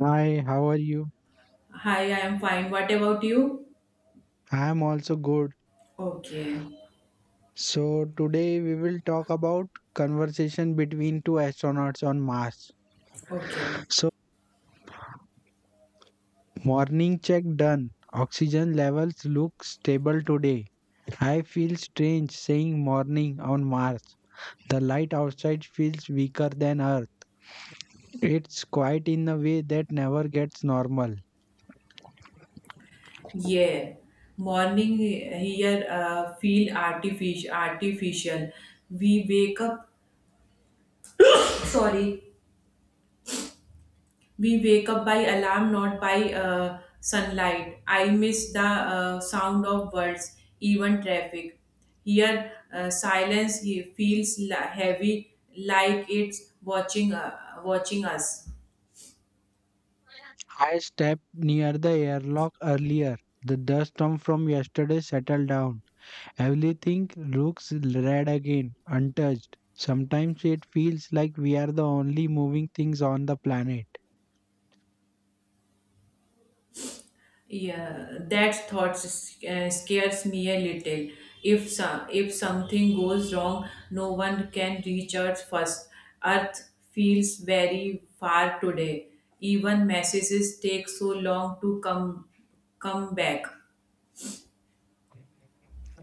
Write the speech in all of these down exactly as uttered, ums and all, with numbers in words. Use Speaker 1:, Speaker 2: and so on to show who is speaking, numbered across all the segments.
Speaker 1: Hi, how are you?
Speaker 2: Hi, I am fine. What about you?
Speaker 1: I am also good.
Speaker 2: Okay,
Speaker 1: So, today we will talk about conversation between two astronauts on Mars.
Speaker 2: okay.
Speaker 1: So, morning check done. Oxygen levels look stable today. I feel strange saying morning on Mars. The light outside feels weaker than Earth. It's quiet in a way that never gets normal.
Speaker 2: Yeah. Morning here uh, feel artificial artificial. We wake up sorry. We wake up by alarm, not by uh, sunlight. I miss the uh, sound of birds, even traffic. Here uh, silence he feels li- heavy like it's watching uh, watching us.
Speaker 1: I stepped near the airlock earlier. The dust from from yesterday settled down. Everything looks red again, untouched. Sometimes it feels like we are the only moving things on the planet.
Speaker 2: Yeah, that thought s- uh, scares me a little. If some, if something goes wrong, no one can reach Earth first. Earth feels very far today. Even messages take so long to come come back.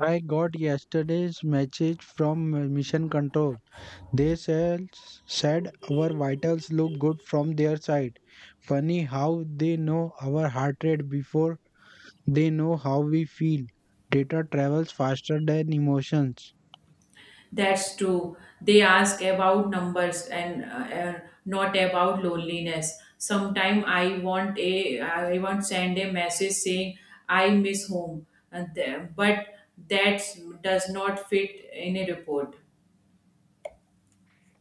Speaker 1: I got yesterday's message from uh, Mission Control. They said, said our vitals look good from their side. Funny how they know our heart rate before they know how we feel. Data travels faster than emotions.
Speaker 2: That's true. They ask about numbers and uh, uh, not about loneliness. Sometime I want a I want send a message saying I miss home, and th- but that does not fit in a report.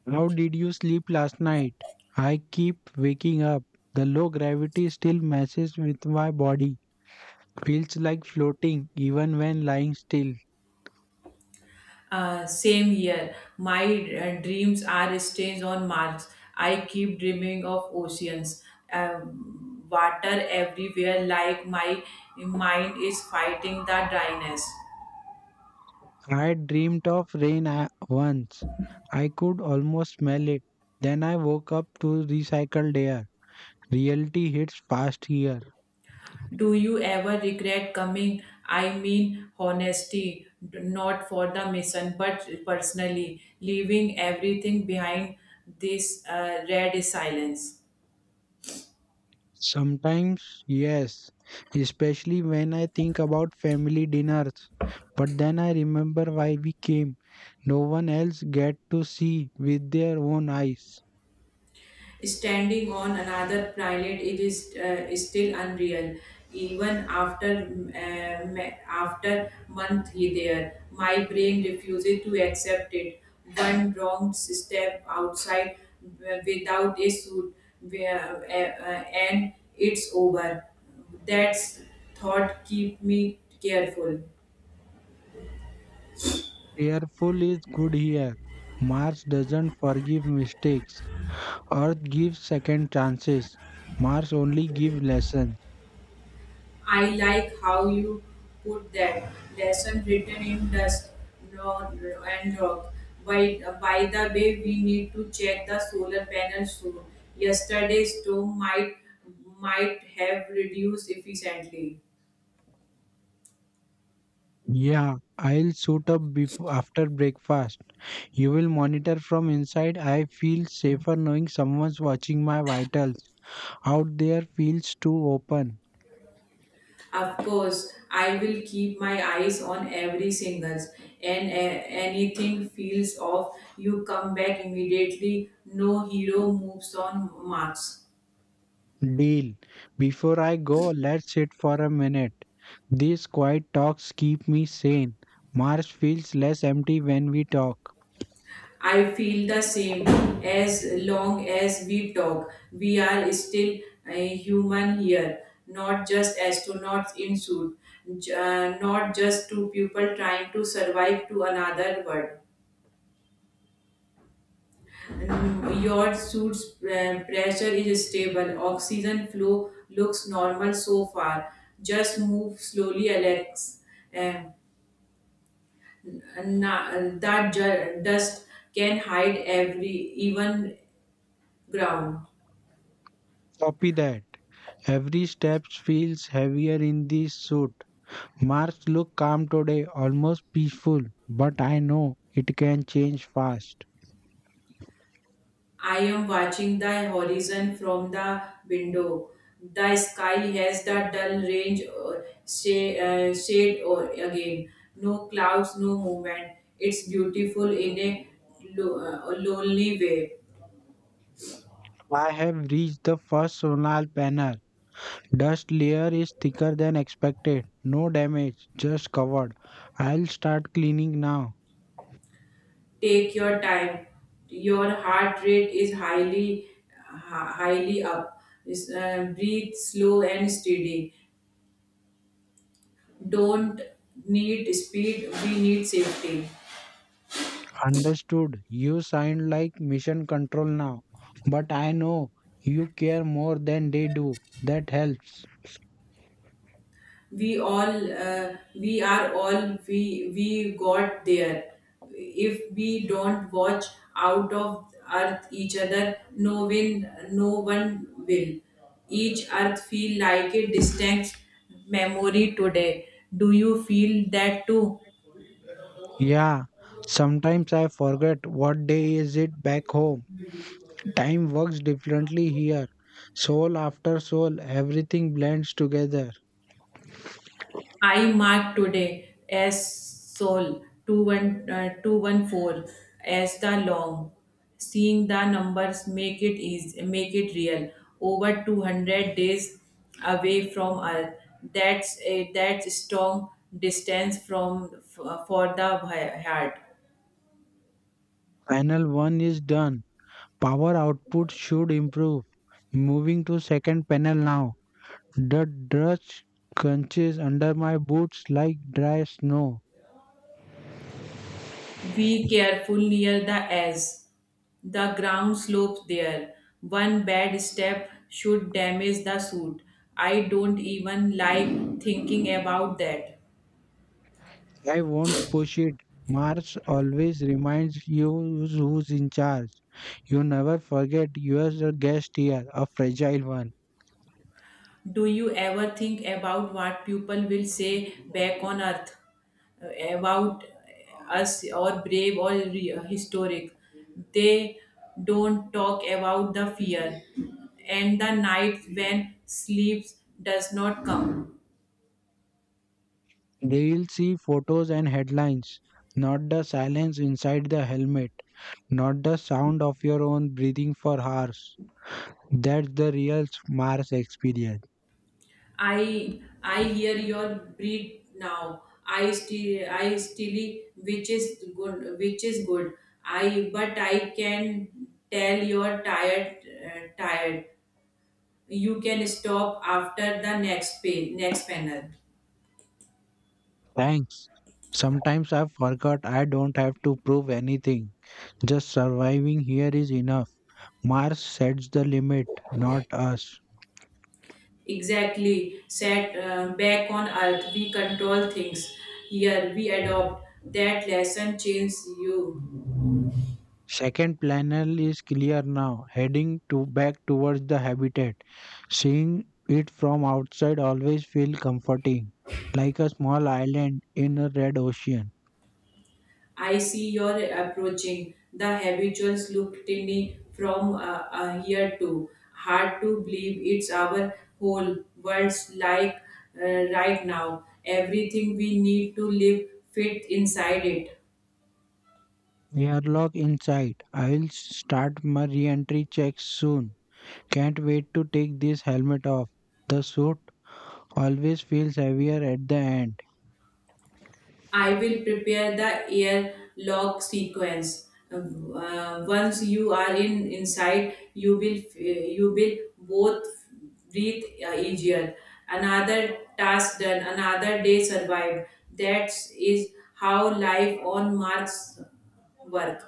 Speaker 1: How did you sleep last night? I keep waking up. The low gravity still messes with my body. Feels like floating even when lying still.
Speaker 2: Uh, same year, my uh, dreams are stains on Mars. I keep dreaming of oceans, um, water everywhere, like my mind is fighting the dryness.
Speaker 1: I dreamed of rain a- once. I could almost smell it. Then I woke up to recycled air. Reality hits fast here.
Speaker 2: Do you ever regret coming? I mean, honesty, d- not for the mission, but personally, leaving everything behind this uh, red silence.
Speaker 1: Sometimes, yes, especially when I think about family dinners. But then I remember why we came. No one else get to see with their own eyes.
Speaker 2: Standing on another planet, it is uh, still unreal, even after uh, ma- after monthly there. My brain refuses to accept it. One wrong step outside w- without a suit where, uh, uh, and it's over. That's thought keep me careful.
Speaker 1: Careful is good here. Mars doesn't forgive mistakes. Earth gives second chances. Mars only gives lessons.
Speaker 2: I like how you put that lesson written in dust ro- ro- and rock. By, by the way, we need to check the solar panels soon. Yesterday's storm might might have reduced efficiently.
Speaker 1: Yeah, I'll suit up before after breakfast. You will monitor from inside. I feel safer knowing someone's watching my vitals. Out there feels too open.
Speaker 2: Of course, I will keep my eyes on every single, and a- anything feels off. You come back immediately. No hero moves on Mars.
Speaker 1: Deal. Before I go, let's sit for a minute. These quiet talks keep me sane. Mars feels less empty when we talk.
Speaker 2: I feel the same. As long as we talk, we are still a human here, not just astronauts in suit, j- uh, not just two people trying to survive to another world. Mm, your suit's uh, pressure is stable. Oxygen flow looks normal so far. Just move slowly, Alex. Um, na- that ju- dust can hide every even ground.
Speaker 1: Copy that. Every step feels heavier in this suit. Mars look calm today, almost peaceful, but I know it can change fast.
Speaker 2: I am watching the horizon from the window. The sky has the dull range uh, shade, uh, shade or again. No clouds, no movement. It's beautiful in a lo- uh, lonely way.
Speaker 1: I have reached the first solar panel. Dust layer is thicker than expected. No damage, just covered. I'll start cleaning now.
Speaker 2: Take your time. Your heart rate is highly, hi- highly up. Is, uh, breathe slow and steady. Don't need speed. We need safety.
Speaker 1: Understood. You sound like mission control now. But I know you care more than they do. That helps.
Speaker 2: We all uh, we are all we we got there. If we don't watch out of earth each other, no win, no one will. Each earth feel like a distant memory today. Do you feel that too?
Speaker 1: Yeah. Sometimes I forget what day is it back home. Time works differently here. Soul after soul, everything blends together.
Speaker 2: I mark today as Sol two one uh, two one four as the long. Seeing the numbers make it easy, make it real. Over two hundred days away from Earth. That's a that's strong distance from f- for the heart.
Speaker 1: Panel one is done. Power output should improve. Moving to second panel now. The dust crunches under my boots like dry snow.
Speaker 2: Be careful near the edge. The ground slopes there. One bad step should damage the suit. I don't even like thinking about that.
Speaker 1: I won't push it. Mars always reminds you who's in charge. You never forget you are a guest here, a fragile one.
Speaker 2: Do you ever think about what people will say back on earth uh, about us, or brave, or re- historic? They don't talk about the fear and the night when sleep does not come.
Speaker 1: They will see photos and headlines, not the silence inside the helmet, not the sound of your own breathing for hours. That's the real Mars experience.
Speaker 2: I I hear your breed now. I still I still which is good which is good. I but I can tell you're tired uh, tired. You can stop after the next page next panel.
Speaker 1: Thanks. Sometimes I forgot I don't have to prove anything. Just surviving here is enough. Mars sets the limit, not us.
Speaker 2: Exactly. Set, uh, back on earth. We control things. Here we adopt that lesson change you.
Speaker 1: Second panel is clear now, heading to back towards the habitat. Seeing it from outside always feels comforting, like a small island in a red ocean.
Speaker 2: I see your approaching. The habituals look tinny from uh, uh, here too. Hard to believe it's our whole world's like uh, right now. Everything we need to live fit inside it.
Speaker 1: We are locked inside. I'll start my re-entry checks soon. Can't wait to take this helmet off. The suit always feels heavier at the end.
Speaker 2: I will prepare the air log sequence. Uh, uh, once you are in inside, you will uh, you will both breathe uh, easier. Another task done, another day survived. That is how life on Mars work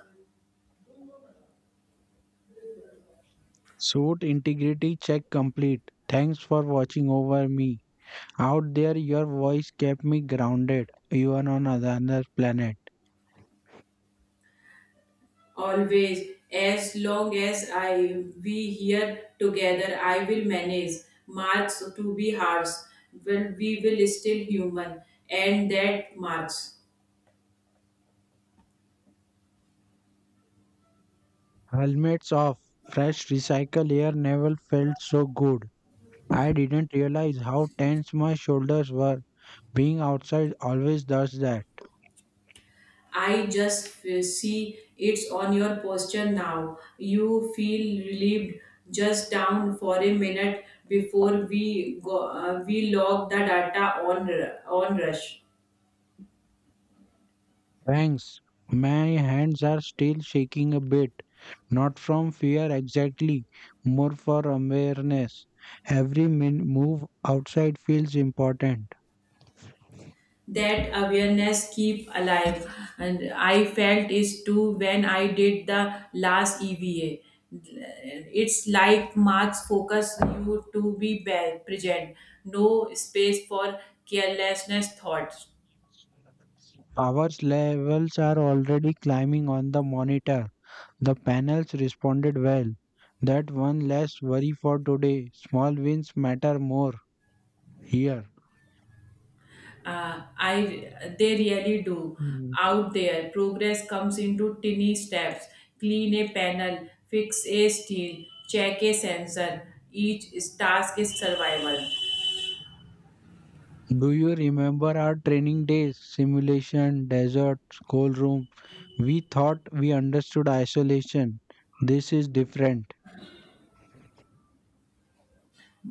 Speaker 1: Suit integrity check complete. Thanks for watching over me. Out there, your voice kept me grounded, even on another planet.
Speaker 2: always. As long as I we here together, I will manage. March to be hard, but we will still human, and that march.
Speaker 1: Helmets off. Fresh recycled air never felt so good. I didn't realize how tense my shoulders were. Being outside always does that.
Speaker 2: I just f- see it's on your posture now. You feel relieved. Just down for a minute before we go, uh, we log the data on r- on rush.
Speaker 1: Thanks. My hands are still shaking a bit, not from fear exactly, more for awareness. Every min- move outside feels important.
Speaker 2: That awareness keep alive, and I felt is too when I did the last E V A. It's like Marx focus you to be ba- present, no space for carelessness thoughts.
Speaker 1: Power levels are already climbing on the monitor. The panels responded well. That one less worry for today. Small wins matter more here.
Speaker 2: Uh, I they really do out there. Progress comes into tiny steps. Clean a panel, fix a steel, check a sensor. Each task is survival.
Speaker 1: Do you remember our training days? Simulation, desert, schoolroom. We thought we understood isolation. This is different.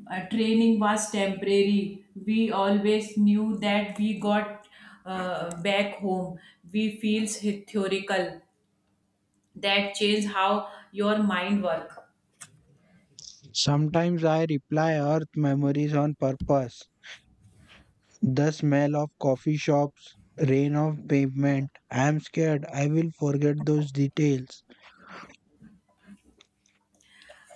Speaker 2: Uh, training was temporary. We always knew that we got uh, back home. We feels theoretical. That change how your mind work.
Speaker 1: Sometimes I reply Earth memories on purpose. The smell of coffee shops, rain of pavement. I am scared I will forget those details.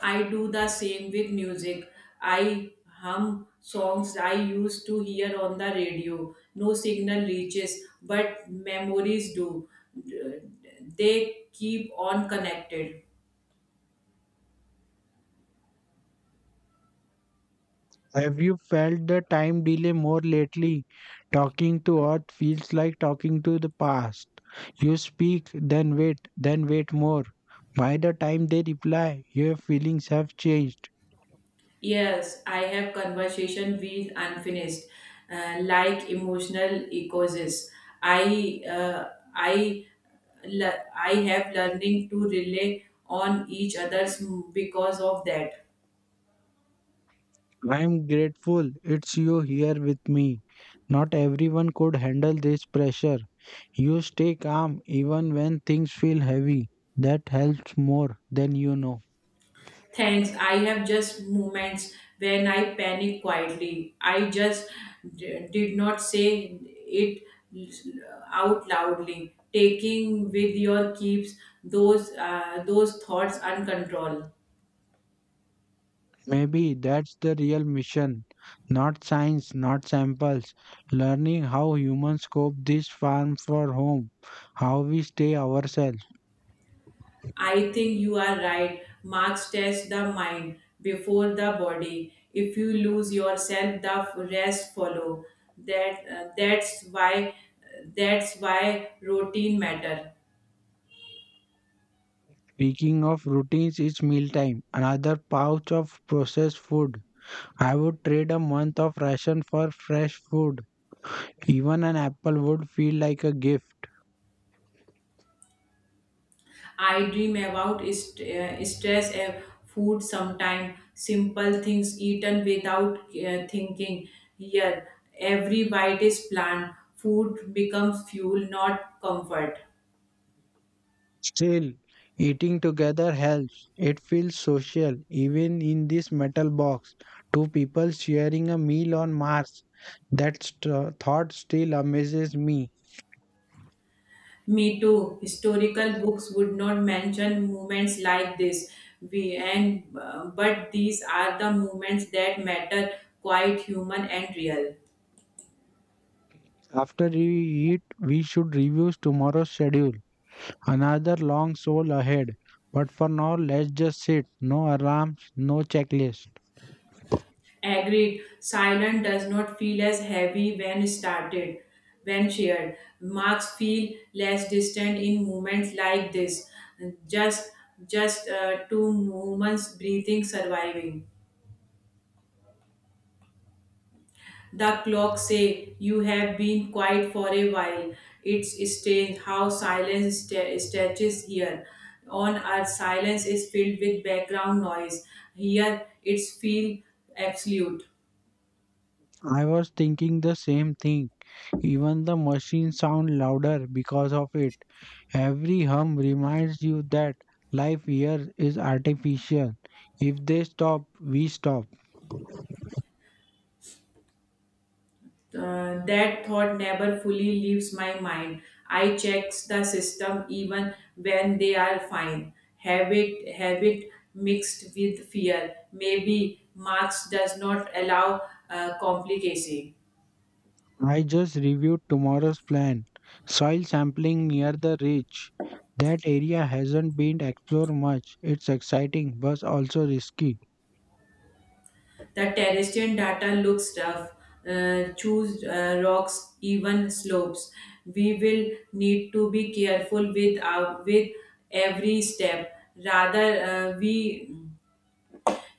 Speaker 2: I do the same with music. I hum songs I used to hear on the radio. No signal reaches, but memories do. They keep on connected.
Speaker 1: Have you felt the time delay more lately? Talking to Earth feels like talking to the past. You speak, then wait, then wait more. By the time they reply, your feelings have changed.
Speaker 2: Yes, I have conversation with unfinished, uh, like emotional echoes. I uh, I le- I have learning to rely on each others because of that.
Speaker 1: I am grateful it's you here with me. Not everyone could handle this pressure. You stay calm even when things feel heavy. That helps more than you know.
Speaker 2: Thanks. I have just moments when I panic quietly. I just d- did not say it out loudly. Taking with your keeps those uh, those thoughts uncontrolled.
Speaker 1: Maybe that's the real mission. Not science, not samples. Learning how humans cope this farm for home, how we stay ourselves.
Speaker 2: I think you are right. Marks test the mind before the body. If you lose yourself, the rest follow. That uh, that's why that's why routine matter.
Speaker 1: Speaking of routines, it's mealtime. Another pouch of processed food. I would trade a month of ration for fresh food. Even an apple would feel like a gift.
Speaker 2: I dream about st- uh, stress, uh, food. Sometime simple things eaten without uh, thinking. Here every bite is planned. Food becomes fuel, not comfort.
Speaker 1: Still, eating together helps. It feels social, even in this metal box. Two people sharing a meal on Mars. That st- thought still amazes me.
Speaker 2: Me too. Historical books would not mention moments like this. We and uh, but these are the moments that matter. Quite human and real.
Speaker 1: After we eat, we should review tomorrow's schedule. Another long soul ahead. But for now, let's just sit. No alarms, no checklist.
Speaker 2: Agreed. Silence does not feel as heavy when started, when shared. Marks feel less distant in moments like this. Just, just uh, two moments breathing, surviving. The clock say you have been quiet for a while. It's strange how silence sta- stretches here. On earth, silence is filled with background noise. Here, it's feel absolute.
Speaker 1: I was thinking the same thing. Even the machines sound louder because of it. Every hum reminds you that life here is artificial. If they stop, we stop.
Speaker 2: Uh, that thought never fully leaves my mind. I checks the system even when they are fine. Habit, habit mixed with fear. Maybe Marx does not allow uh, complicacy.
Speaker 1: I just reviewed tomorrow's plan. Soil sampling near the ridge. That area hasn't been explored much. It's exciting but also risky.
Speaker 2: The terrestrial data looks rough. Uh, choose, uh, rocks, even slopes. We will need to be careful with our, with every step. Rather, uh, we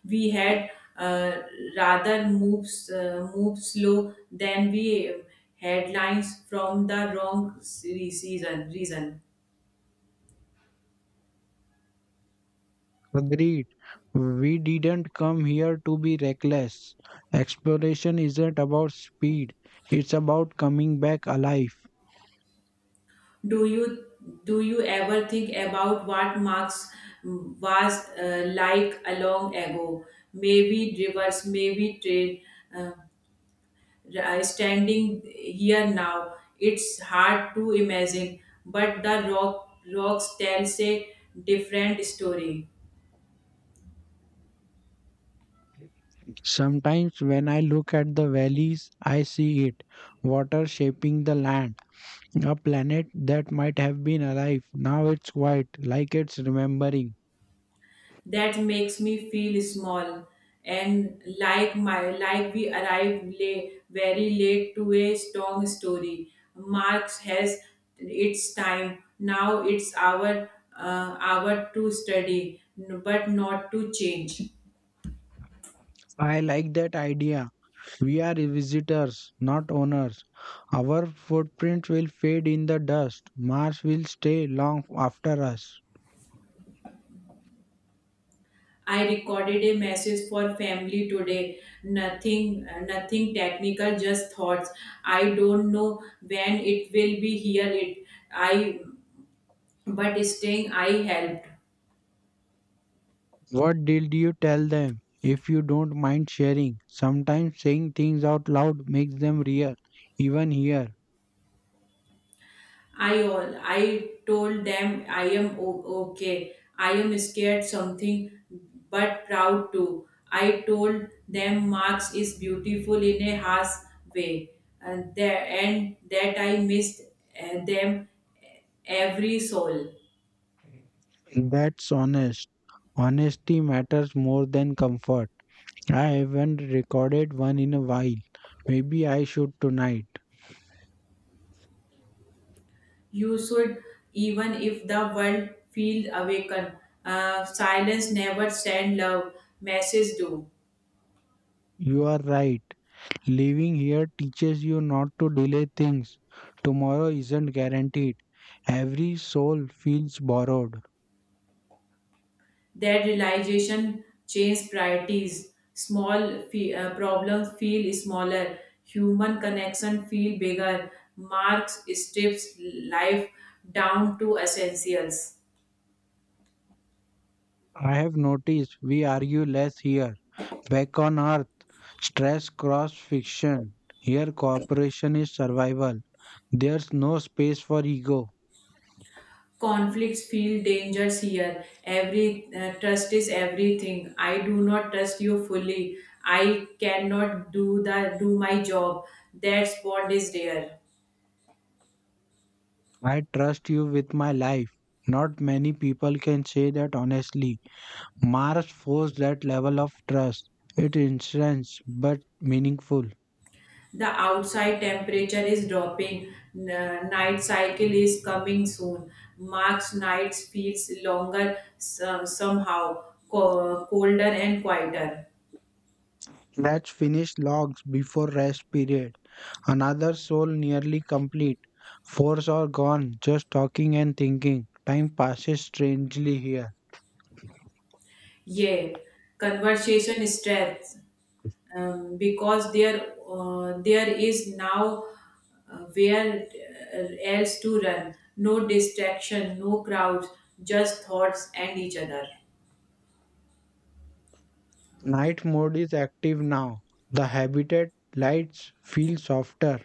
Speaker 2: we had uh, rather moves uh, move slow than we headlines from the wrong se- season reason.
Speaker 1: Agreed. We didn't come here to be reckless. Exploration isn't about speed, it's about coming back alive.
Speaker 2: Do you do you ever think about what marx mm, was, uh, like a long ago? Maybe rivers, maybe trade, uh, r- uh, standing here now. It's hard to imagine, but the rock rocks tells a different story.
Speaker 1: Sometimes when I look at the valleys, I see it, water shaping the land. A planet that might have been alive, now it's quiet, like it's remembering.
Speaker 2: That makes me feel small and like my like we arrive late, very late to a strong story. Marx has its time. Now it's our uh, hour to study, n- but not to change.
Speaker 1: I like that idea. We are visitors, not owners. Our footprints will fade in the dust. Mars will stay long after us.
Speaker 2: I recorded a message for family today. Nothing, nothing technical, just thoughts. I don't know when it will be here. It, I, but staying, I help.
Speaker 1: What did you tell them? If you don't mind sharing, sometimes saying things out loud makes them real, even here.
Speaker 2: I all I told them I am o- okay. I am scared something but proud too. I told them Marx is beautiful in a harsh way, and that, and that I missed uh, them, uh, every soul.
Speaker 1: That's honest. Honesty matters more than comfort. I haven't recorded one in a while. Maybe I should tonight.
Speaker 2: You should, even if the world feel awakened. Uh, silence never send love. Message do.
Speaker 1: You are right. Living here teaches you not to delay things. Tomorrow isn't guaranteed. Every soul feels borrowed.
Speaker 2: That realization changes priorities. Small fe- uh, problems feel smaller. Human connection feel bigger. Marx strips life down to essentials.
Speaker 1: I have noticed we argue less here. Back on earth, stress cross fiction. Here, cooperation is survival. There's no space for ego.
Speaker 2: Conflicts feel dangerous here. Every, uh, trust is everything. I do not trust you fully. I cannot do the do my job. That bond is there.
Speaker 1: I trust you with my life. Not many people can say that honestly. Mars forced that level of trust. It intense but meaningful.
Speaker 2: The outside temperature is dropping. N- night cycle is coming soon. March nights feels longer, so- somehow co- colder and quieter.
Speaker 1: Let's finish logs before rest period. Another soul nearly complete. Fours are gone, just talking and thinking. Time passes strangely here.
Speaker 2: Yeah, conversation strength, um, because there uh, there is now, uh, where, uh, else to run. No distraction, no crowds, just thoughts and each other.
Speaker 1: Night mode is active now. The habitat lights feel softer.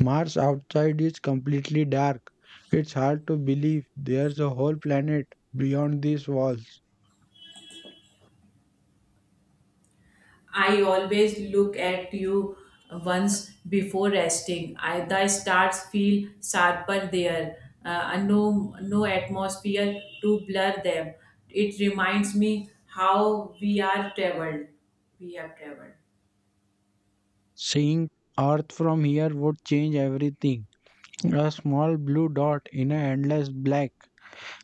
Speaker 1: Mars outside is completely dark. It's hard to believe there's a whole planet beyond these walls.
Speaker 2: I always look at you once before resting. I, the stars feel sharper there, uh, and no, no atmosphere to blur them. It reminds me how we are traveled. We have traveled.
Speaker 1: Seeing Earth from here would change everything. A small blue dot in an endless black.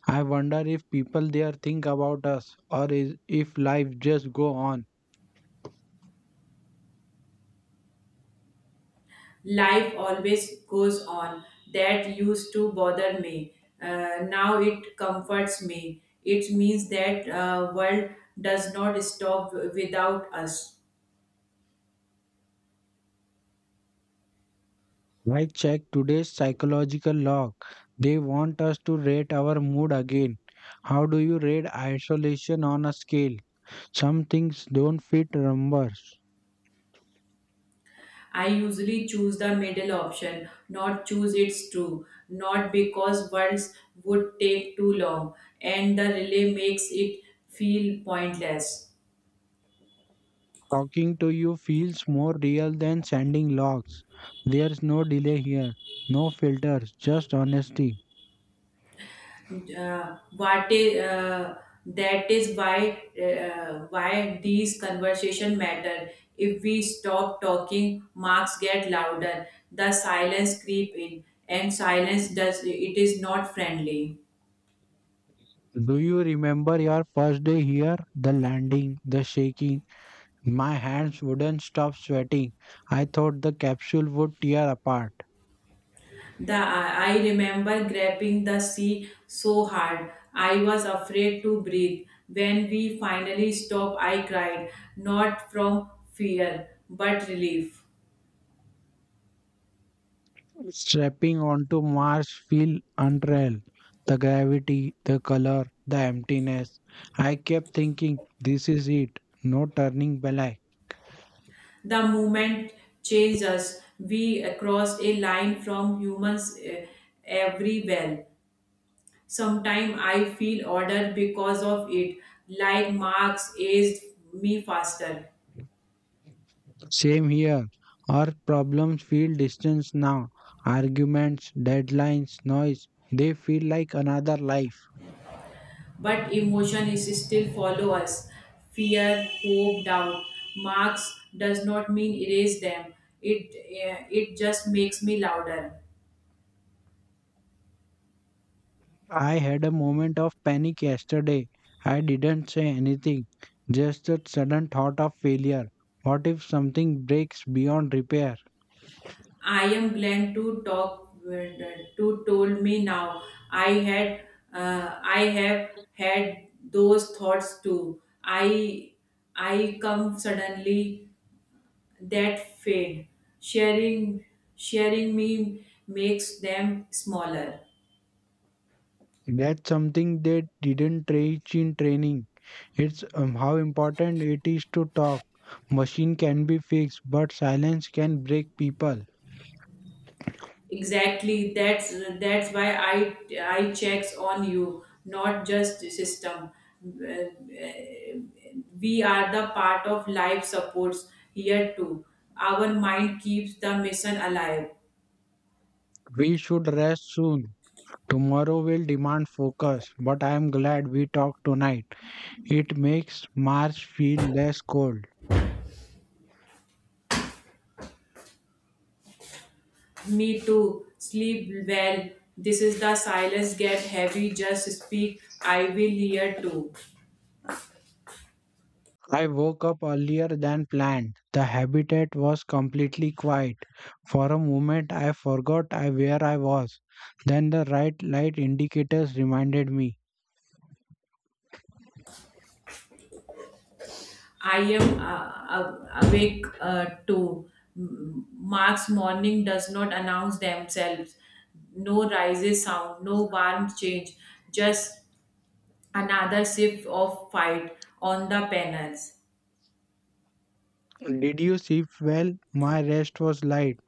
Speaker 1: I wonder if people there think about us or is, if life just go on.
Speaker 2: Life always goes on. That used to bother me. Uh, now it comforts me. It means that uh, world does not stop without us.
Speaker 1: I checked today's psychological log. They want us to rate our mood again. How do you rate isolation on a scale? Some things don't fit numbers.
Speaker 2: I usually choose the middle option, not choose it's true, not because words would take too long, and the relay makes it feel pointless.
Speaker 1: Talking to you feels more real than sending logs. There's no delay here, no filters, just honesty.
Speaker 2: Uh, what is, uh, that is why, uh, why these conversation matter. If we stop talking, marks get louder. The silence creep in, and silence does it is not friendly.
Speaker 1: Do you remember your first day here? The landing, the shaking. My hands wouldn't stop sweating. I thought the capsule would tear apart.
Speaker 2: The I remember grabbing the sea so hard I was afraid to breathe. When we finally stopped, I cried, not from fear but relief.
Speaker 1: Strapping onto Mars feel unreal. The gravity, the color, the emptiness. I kept thinking, this is it. No turning back.
Speaker 2: The moment changed us. We crossed a line from humans, eh, everywhere. Sometimes I feel order because of it, like marks aged me faster.
Speaker 1: Same here. Our problems feel distance now. Arguments, deadlines, noise, they feel like another life.
Speaker 2: But emotion is still follow us: fear, hope, doubt. Marks does not mean erase them. It eh, it just makes me louder.
Speaker 1: I had a moment of panic yesterday. I didn't say anything, just a sudden thought of failure. What if something breaks beyond repair?
Speaker 2: I am glad to talk, to told me now. I had uh, i have had those thoughts too. i i come suddenly, that fade. Sharing sharing me makes them smaller.
Speaker 1: That's something they didn't teach in training. It's um, how important it is to talk. Machine can be fixed, but silence can break people.
Speaker 2: Exactly. That's that's why I I checks on you, not just the system. Uh, We are the part of life supports here too. Our mind keeps the mission alive.
Speaker 1: We should rest soon. Tomorrow will demand focus, but I am glad we talked tonight. It makes March feel less cold.
Speaker 2: Me too. Sleep well. This is the silence get heavy. Just speak. I will hear too.
Speaker 1: I woke up earlier than planned. The habitat was completely quiet. For a moment, I forgot I, where I was. Then the right light indicators reminded me.
Speaker 2: I am uh, uh, awake uh, too. M- Mark's morning does not announce themselves. No rises sound, no warm change, just another sip of fight on the panels.
Speaker 1: Did you sleep well? My rest was light.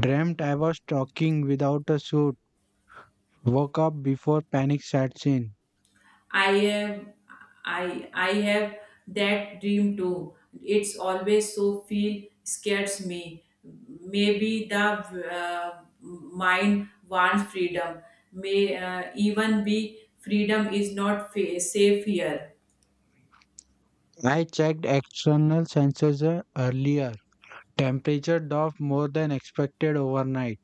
Speaker 1: Dreamt I was talking without a suit. Woke up before panic sets in.
Speaker 2: I am I I have that dream too. It's always so feel scares me. Maybe the uh, mind wants freedom. May uh, even be freedom is not fa- safe here.
Speaker 1: I checked external sensors uh, earlier. Temperature dropped more than expected overnight.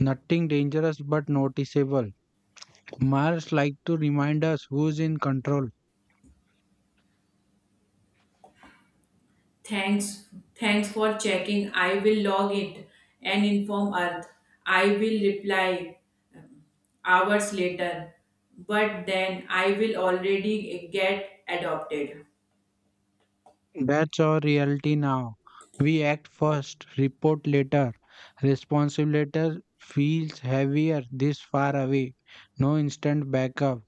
Speaker 1: Nothing dangerous but noticeable. Mars like to remind us who's in control.
Speaker 2: Thanks thanks for checking. I will log it and inform Earth. I will reply hours later, but then I will already get adopted.
Speaker 1: That's our reality now. We act first, report later. Responsibility feels heavier this far away. No instant backup.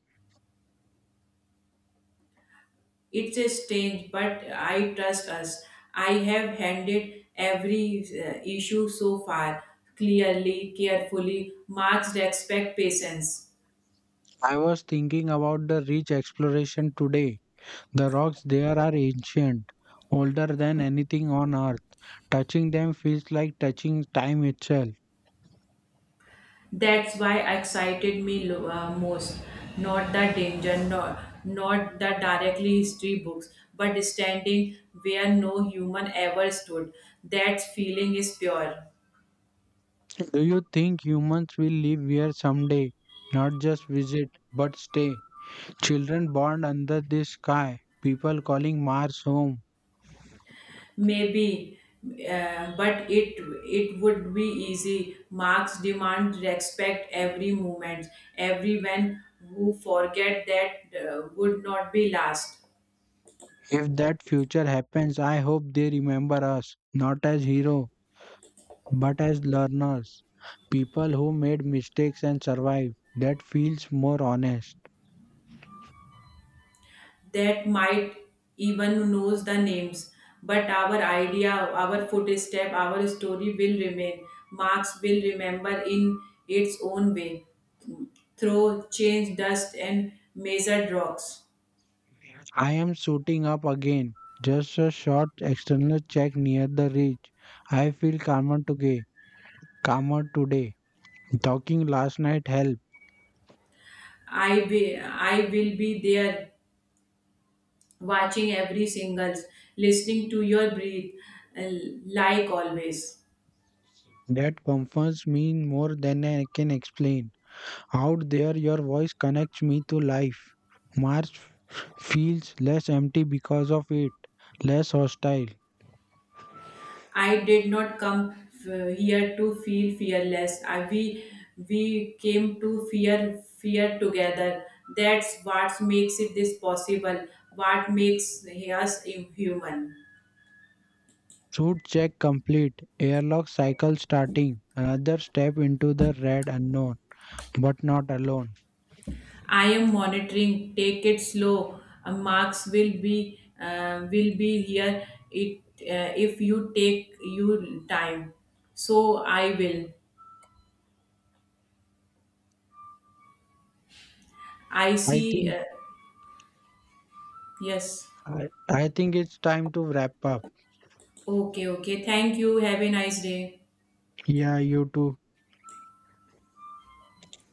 Speaker 2: It's a strange, but I trust us. I have handled every uh, issue so far clearly, carefully. Marks respect patience.
Speaker 1: I was thinking about the rich exploration today. The rocks there are ancient, older than anything on Earth. Touching them feels like touching time itself.
Speaker 2: That's why excited me lo- uh, most. Not the danger, not, not the directly history books, but standing where no human ever stood. That feeling is pure.
Speaker 1: Do you think humans will live here someday? Not just visit, but stay. Children born under the sky, people calling Mars home.
Speaker 2: Maybe, uh, but it it would be easy. Marx demand respect every moment. Everyone who forget that uh, would not be last.
Speaker 1: If that future happens, I hope they remember us, not as heroes, but as learners, people who made mistakes and survived. That feels more honest.
Speaker 2: That might even knows the names, but our idea, our footstep, our story will remain. Marx will remember in its own way, through change, dust, and measured rocks.
Speaker 1: I am shooting up again. Just a short external check near the ridge. I feel calmer today. Calmer today. Talking last night helped.
Speaker 2: I will, I will be there watching every single, listening to your breath, uh, like always.
Speaker 1: That comforts me more than I can explain. Out there, your voice connects me to life. March feels less empty because of it, less hostile.
Speaker 2: I did not come f- here to feel fearless. I, we we came to fear fear together. That's what makes it this possible. What makes us human.
Speaker 1: Suit check complete, airlock cycle starting, another step into the red unknown, but not alone.
Speaker 2: I am monitoring. Take it slow. Uh, marks will be uh, will be here. It, uh, if you take your time. So I will. I
Speaker 1: I
Speaker 2: see.
Speaker 1: think
Speaker 2: Uh, yes.
Speaker 1: I, I think it's time to wrap up.
Speaker 2: Okay, okay. Thank you. Have a nice day.
Speaker 1: Yeah, you too.